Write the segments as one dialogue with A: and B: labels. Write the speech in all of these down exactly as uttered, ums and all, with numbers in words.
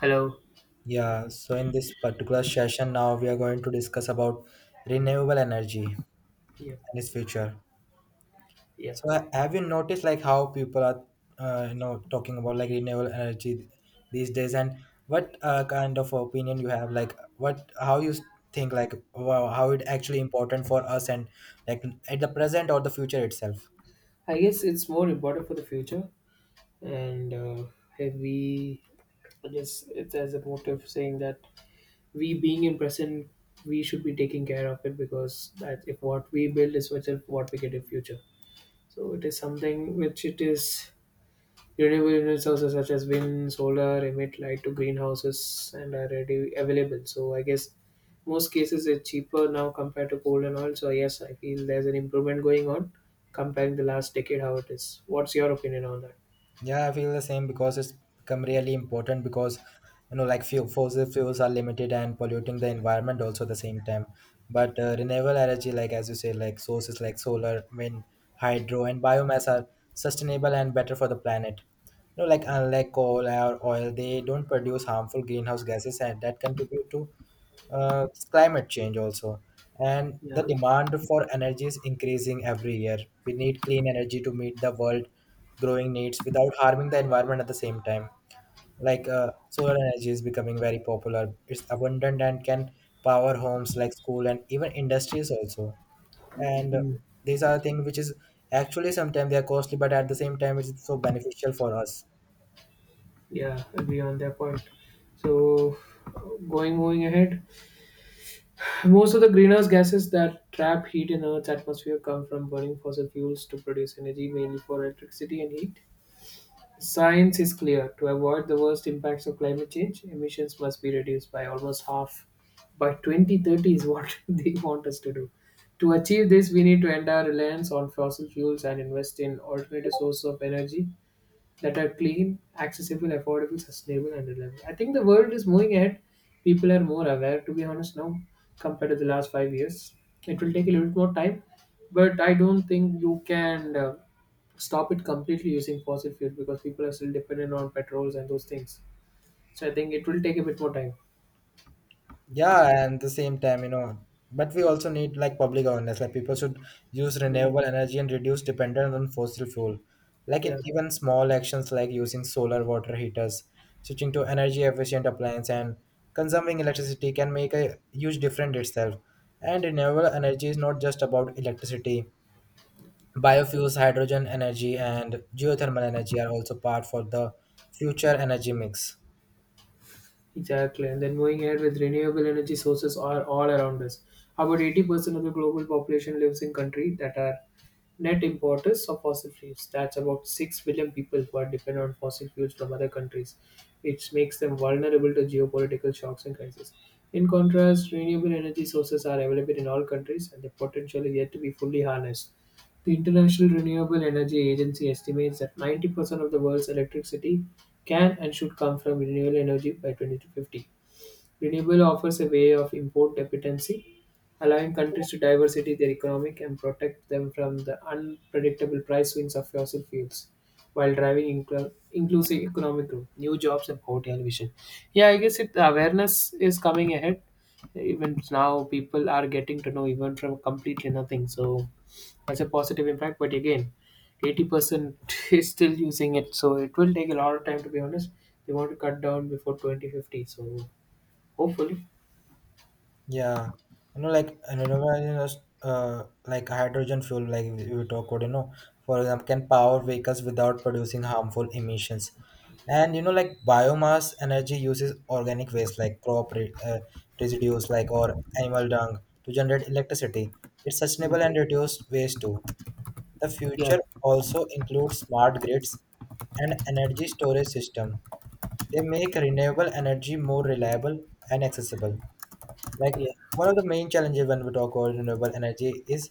A: Hello.
B: Yeah, so in this particular session now we are going to discuss about renewable energy
A: Yeah.
B: and its future.
A: Yeah.
B: So ha- have you noticed like how people are uh, you know talking about like renewable energy these days? And what uh, kind of opinion you have, like what, how you think, like wow, how it actually important for us and like at the present or the future itself?
A: I guess it's more important for the future. And uh, if we, I guess it's as a motive saying that we being in present, we should be taking care of it because that if what we build is what what we get in future. So it is something which it is. Renewable energy sources such as wind, solar emit light to greenhouses and are ready available. So I guess most cases it's cheaper now compared to coal and oil. So yes, I feel there's an improvement going on comparing the last decade how it is. What's your opinion on that?
B: Yeah, I feel the same because it's become really important because you know like fuel, fossil fuels are limited and polluting the environment also at the same time. But uh, renewable energy, like as you say, like sources like solar, wind, hydro, and biomass are sustainable and better for the planet. You know, like unlike coal or oil, they don't produce harmful greenhouse gases and that contribute to uh, climate change also, and the
A: Yeah.
B: demand for energy is increasing every year. We need clean energy to meet the world growing needs without harming the environment at the same time. Like uh, solar energy is becoming very popular. It's abundant and can power homes like school and even industries also. And uh,
A: Mm.
B: these are things which is actually sometimes they are costly, but at the same time it's so beneficial for us.
A: Yeah, agree on that point. So going moving ahead, most of the greenhouse gases that trap heat in Earth's atmosphere come from burning fossil fuels to produce energy, mainly for electricity and heat. Science is clear. To avoid the worst impacts of climate change, emissions must be reduced by almost half. By twenty thirty is what they want us to do. To achieve this, we need to end our reliance on fossil fuels and invest in alternative sources of energy that are clean, accessible, affordable, sustainable, and reliable. I think the world is moving ahead. People are more aware, to be honest, now compared to the last five years. It will take a little bit more time, but I don't think you can uh, stop it completely using fossil fuel because people are still dependent on petrols and those things. So I think it will take a bit more time.
B: Yeah, and the same time, you know, but we also need like public awareness. Like people should use
A: Mm.
B: renewable energy and reduce dependence on fossil fuel. Like
A: Yeah.
B: in even small actions like using solar water heaters, switching to energy efficient appliance and consuming electricity can make a huge difference itself. And renewable energy is not just about electricity. Biofuels, hydrogen energy and geothermal energy are also part for the future energy mix.
A: Exactly. And then moving ahead with renewable energy sources are all around us. About eighty percent of the global population lives in countries that are net importers of fossil fuels. That's about six billion people who are dependent on fossil fuels from other countries, which makes them vulnerable to geopolitical shocks and crises. In contrast, renewable energy sources are available in all countries and the potential is yet to be fully harnessed. The International Renewable Energy Agency estimates that 90 percent of the world's electricity can and should come from renewable energy by twenty fifty. Renewable offers a way of import dependency, allowing countries to diversify their economic and protect them from the unpredictable price swings of fossil fuels while driving inclu- inclusive economic growth, new jobs, and poverty elevation. Yeah, I guess it, the awareness is coming ahead. Even now, people are getting to know even from completely nothing. So, it's a positive impact but again eighty percent is still using it, so it will take a lot of time, to be honest. They want to cut down before twenty fifty, so hopefully.
B: Yeah, you know, like you know, you know, uh, Like hydrogen fuel, like we we talk about, you know, for example, can power vehicles without producing harmful emissions, and you know, like biomass energy uses organic waste like crop re- uh, residues, like or animal dung to generate electricity. It's sustainable and
A: Mm.
B: reduced waste too. The
A: Yeah,
B: future also includes smart grids and energy storage system. They make renewable energy more reliable and accessible. Like
A: yeah.
B: one of the main challenges when we talk about renewable energy is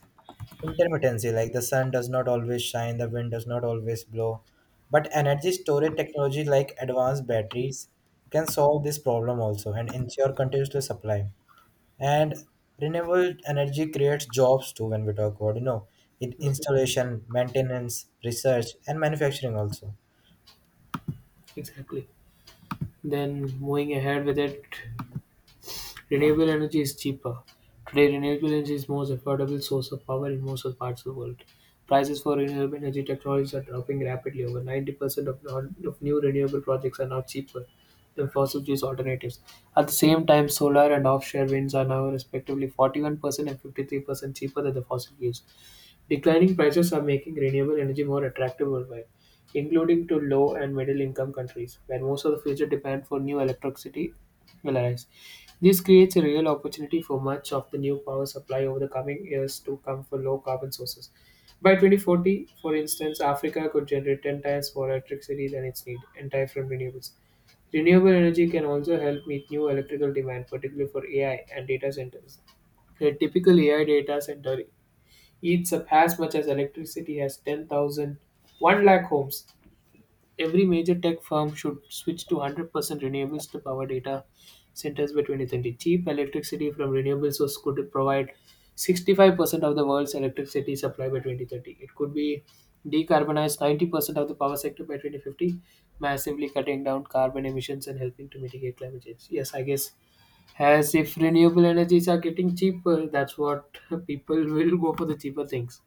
B: intermittency. Like the sun does not always shine, the wind does not always blow. But energy storage technology like advanced batteries can solve this problem also and ensure continuous supply. And renewable energy creates jobs too when we talk about, you know, in installation, maintenance, research and manufacturing also.
A: Exactly. Then moving ahead with it. Renewable energy is cheaper. Today, renewable energy is most affordable source of power in most of parts of the world. Prices for renewable energy technologies are dropping rapidly. Over ninety percent of, non- of new renewable projects are now cheaper than fossil fuels alternatives. At the same time, solar and offshore winds are now respectively forty-one percent and fifty-three percent cheaper than the fossil fuels. Declining prices are making renewable energy more attractive worldwide, including to low and middle income countries, where most of the future demand for new electricity will arise. This creates a real opportunity for much of the new power supply over the coming years to come for low carbon sources. By twenty forty, for instance, Africa could generate ten times more electricity than its need, entirely from renewables. Renewable energy can also help meet new electrical demand, particularly for A I and data centers. A typical A I data center eats up as much as electricity as ten thousand one lakh homes. Every major tech firm should switch to one hundred percent renewables to power data centers by two thousand thirty. Cheap electricity from renewable sources could provide sixty-five percent of the world's electricity supply by twenty thirty. It could be decarbonized ninety percent of the power sector by twenty fifty, massively cutting down carbon emissions and helping to mitigate climate change. Yes, I guess as if renewable energies are getting cheaper, that's what people will go for the cheaper things.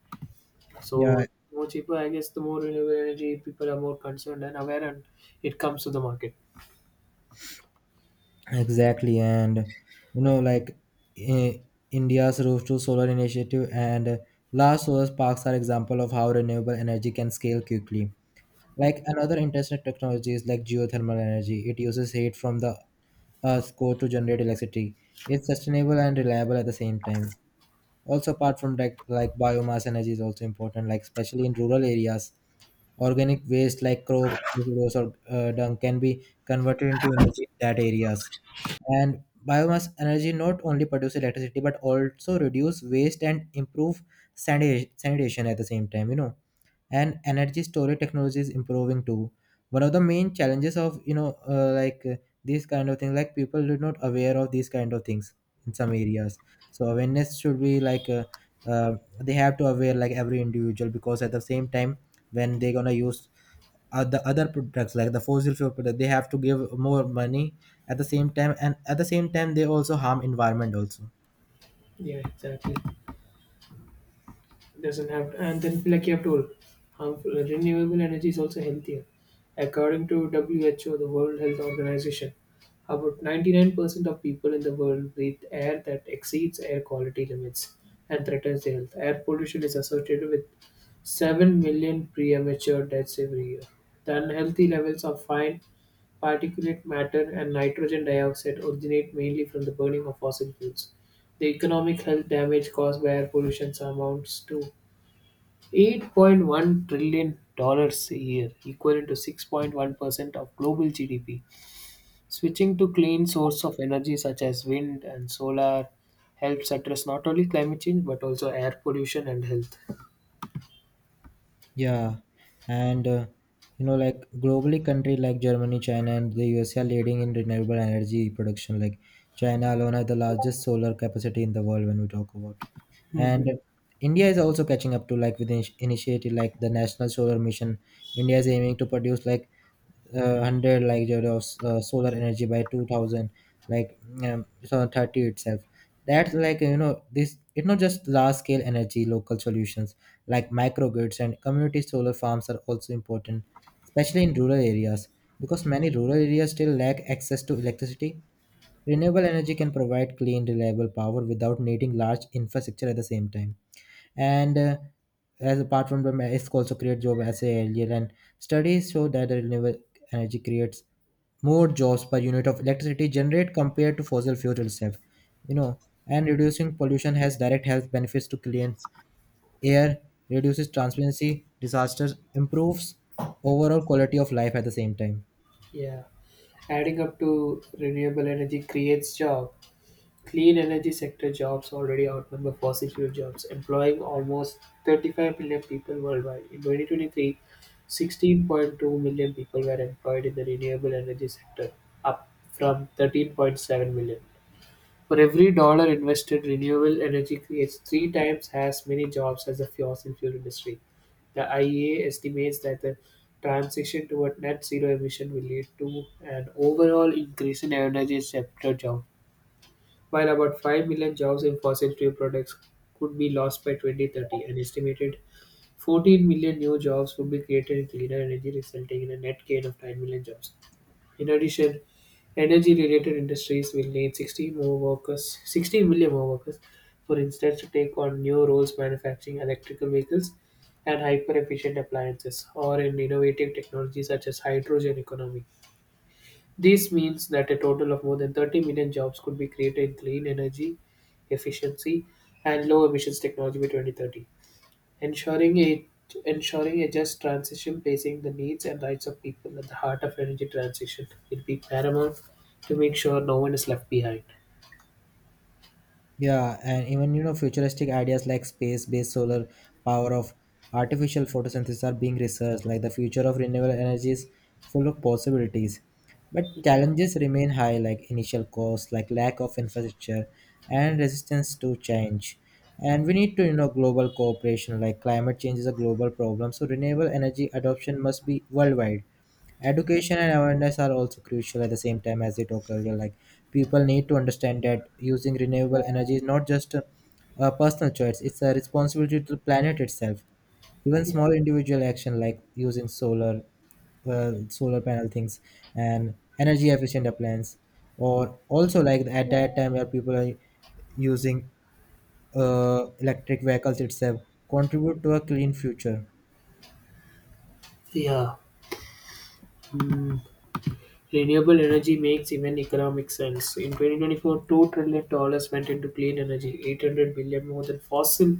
B: Yeah,
A: So the more cheaper, I guess, the more renewable energy people are more concerned and aware, and it comes to the market.
B: exactly, and you know, like I- India's Roof to Solar initiative and uh, large solar parks are example of how renewable energy can scale quickly. Like another interesting technology is like geothermal energy. It uses heat from the Earth's core to generate electricity. It's sustainable and reliable at the same time. Also, apart from like like biomass energy is also important. Like especially in rural areas, organic waste like crop, residues or uh, dung can be converted into energy in that areas. And biomass energy not only produce electricity but also reduce waste and improve sanita- sanitation at the same time, you know. And energy storage technology is improving too. One of the main challenges of, you know, uh, like uh, these kind of things, like people are not aware of these kind of things in some areas. So awareness should be like uh, uh, they have to aware like every individual, because at the same time when they're gonna use uh, the other products like the fossil fuel product, they have to give more money at the same time, and at the same time they also harm environment also.
A: Yeah, exactly. Doesn't have, and then like you have told, harmful renewable energy is also healthier. According to W H O, the World Health Organization, about ninety-nine percent of people in the world breathe air that exceeds air quality limits and threatens their health. Air pollution is associated with seven million premature deaths every year. The unhealthy levels of fine particulate matter and nitrogen dioxide originate mainly from the burning of fossil fuels. The economic health damage caused by air pollution amounts to eight point one trillion dollars a year, equivalent to six point one percent of global G D P. Switching to clean source of energy such as wind and solar helps address not only climate change but also air pollution and health.
B: Yeah, and uh, you know, like globally, country like Germany, China, and the U S are leading in renewable energy production. Like China alone has the largest solar capacity in the world when we talk about. And
A: Mhm.
B: India is also catching up to, like, with initi- initiative like the National Solar Mission. India is aiming to produce like uh, one hundred like joule of uh, solar energy by two thousand like um, two thousand thirty itself. That's like, you know, this it's not just large scale energy. Local solutions like microgrids and community solar farms are also important, especially in rural areas, because many rural areas still lack access to electricity. Renewable energy can provide clean reliable power without needing large infrastructure at the same time. And uh, as apart from them, it's also create job as I said earlier. And studies show that renewable energy creates more jobs per unit of electricity generate compared to fossil fuel itself, you know. And reducing pollution has direct health benefits to clients air, reduces transparency disasters, improves overall quality of life at the same time.
A: Yeah, adding up to renewable energy creates job. Clean energy sector jobs already outnumber fossil fuel jobs, employing almost thirty-five million people worldwide. In twenty twenty-three, sixteen point two million people were employed in the renewable energy sector, up from thirteen point seven million. For every dollar invested, renewable energy creates three times as many jobs as the fossil fuel industry. The I E A estimates that the transition toward net zero emission will lead to an overall increase in energy sector jobs while about five million jobs in fossil fuel products could be lost by twenty thirty, an estimated fourteen million new jobs would be created in cleaner energy, resulting in a net gain of nine million jobs. In addition, energy related industries will need sixty more workers, sixty million more workers, for instance, to take on new roles manufacturing electrical vehicles and hyper efficient appliances or in innovative technologies such as hydrogen economy. This means that a total of more than thirty million jobs could be created in clean energy, efficiency, and low emissions technology by twenty thirty, ensuring a, ensuring a just transition, placing the needs and rights of people at the heart of energy transition. It'd be paramount to make sure no one is left behind.
B: Yeah, and even, you know, futuristic ideas like space-based solar power of artificial photosynthesis are being researched. Like the future of renewable energy is full of possibilities, but challenges remain high, like initial costs, like lack of infrastructure, and resistance to change. And we need to, you know, global cooperation. Like climate change is a global problem, so renewable energy adoption must be worldwide. Education and awareness are also crucial at the same time as they talk earlier. Like people need to understand that using renewable energy is not just a, a personal choice; it's a responsibility to the planet itself. Even
A: Yeah.
B: small individual action like using solar, uh, solar panel things and energy efficient appliances, or also like at that time where people are using uh, electric vehicles itself, contribute to a clean future.
A: Yeah. Mm. Renewable energy makes even economic sense. In twenty twenty-four, two trillion dollars went into clean energy, eight hundred billion more than fossil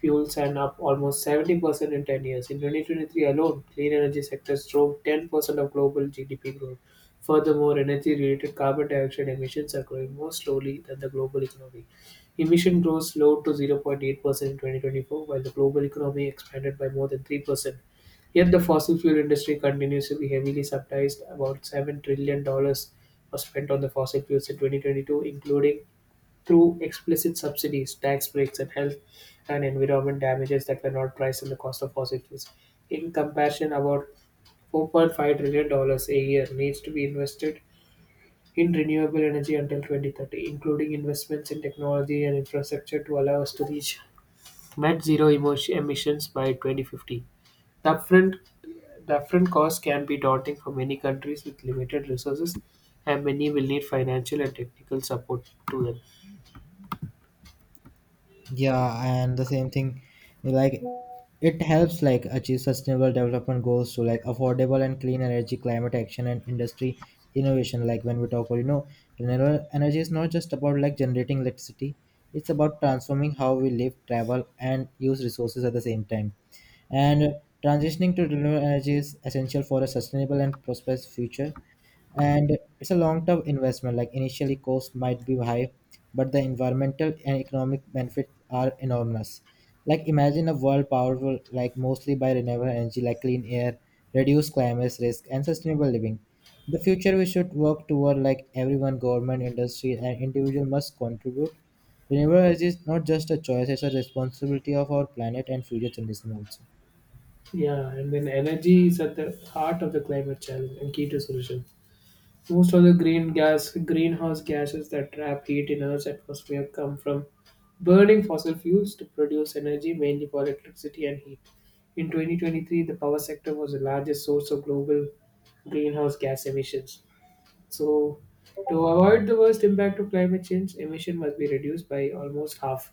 A: fuels and up almost seventy percent in ten years. In two thousand twenty-three alone, clean energy sectors drove ten percent of global G D P growth. Furthermore, energy related carbon dioxide emissions are growing more slowly than the global economy. Emission growth slowed to zero point eight percent in twenty twenty-four, while the global economy expanded by more than three percent. Yet the fossil fuel industry continues to be heavily subsidized. About seven trillion dollars was spent on the fossil fuels in twenty twenty-two, including through explicit subsidies, tax breaks, and health and environment damages that were not priced in the cost of fossil fuels. In comparison, about four point five trillion dollars a year needs to be invested in renewable energy until twenty thirty, including investments in technology and infrastructure to allow us to reach net zero emo- emissions by twenty fifty. The upfront, the upfront cost can be daunting for many countries with limited resources, and many will need financial and technical support to them.
B: Yeah, and the same thing, like it helps like achieve sustainable development goals to like affordable and clean energy, climate action and industry innovation. Like when we talk about, you know, renewable energy is not just about like generating electricity. It's about transforming how we live, travel and use resources at the same time. And transitioning to renewable energy is essential for a sustainable and prosperous future, and it's a long-term investment. Like initially cost might be high, but the environmental and economic benefits are enormous. Like imagine a world powerful like mostly by renewable energy, like clean air, reduced climate risk and sustainable living. The future we should work toward, like everyone, government, industry and individual must contribute. Renewable energy is not just a choice, it's a responsibility of our planet and future generations also.
A: Yeah, and then energy is at the heart of the climate challenge and key to solution. Most of the green gas, greenhouse gases that trap heat in Earth's atmosphere come from burning fossil fuels to produce energy, mainly for electricity and heat. In twenty twenty-three, the power sector was the largest source of global greenhouse gas emissions. So, to avoid the worst impact of climate change, emission must be reduced by almost half.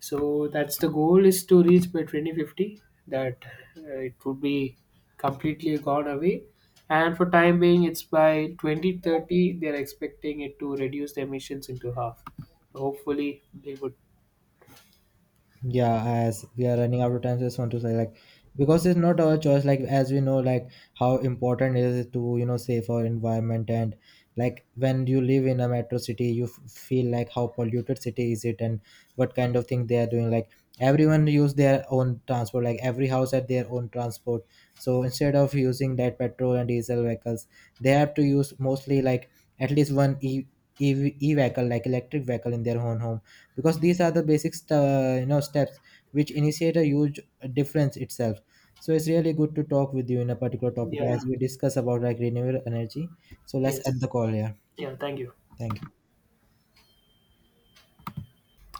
A: So that's the goal is to reach by twenty fifty that uh, it would be completely gone away. And for time being, it's by twenty thirty they're expecting it to reduce the emissions into half. Hopefully they would.
B: Yeah, as we are running out of time, just want to say like, because it's not our choice, like as we know like how important it is to, you know, save our environment. And like when you live in a metro city, you f- feel like how polluted city is it, and what kind of thing they are doing. Like everyone use their own transport, like every house had their own transport. So instead of using that petrol and diesel vehicles, they have to use mostly like at least one e, e-, V, e vehicle, like electric vehicle in their own home. Because these are the basic st- uh, you know steps which initiate a huge difference itself. So it's really good to talk with you in a particular topic
A: Yeah.
B: as we discuss about like renewable energy. So let's end
A: Yes.
B: the call here.
A: Yeah. Thank you.
B: Thank you.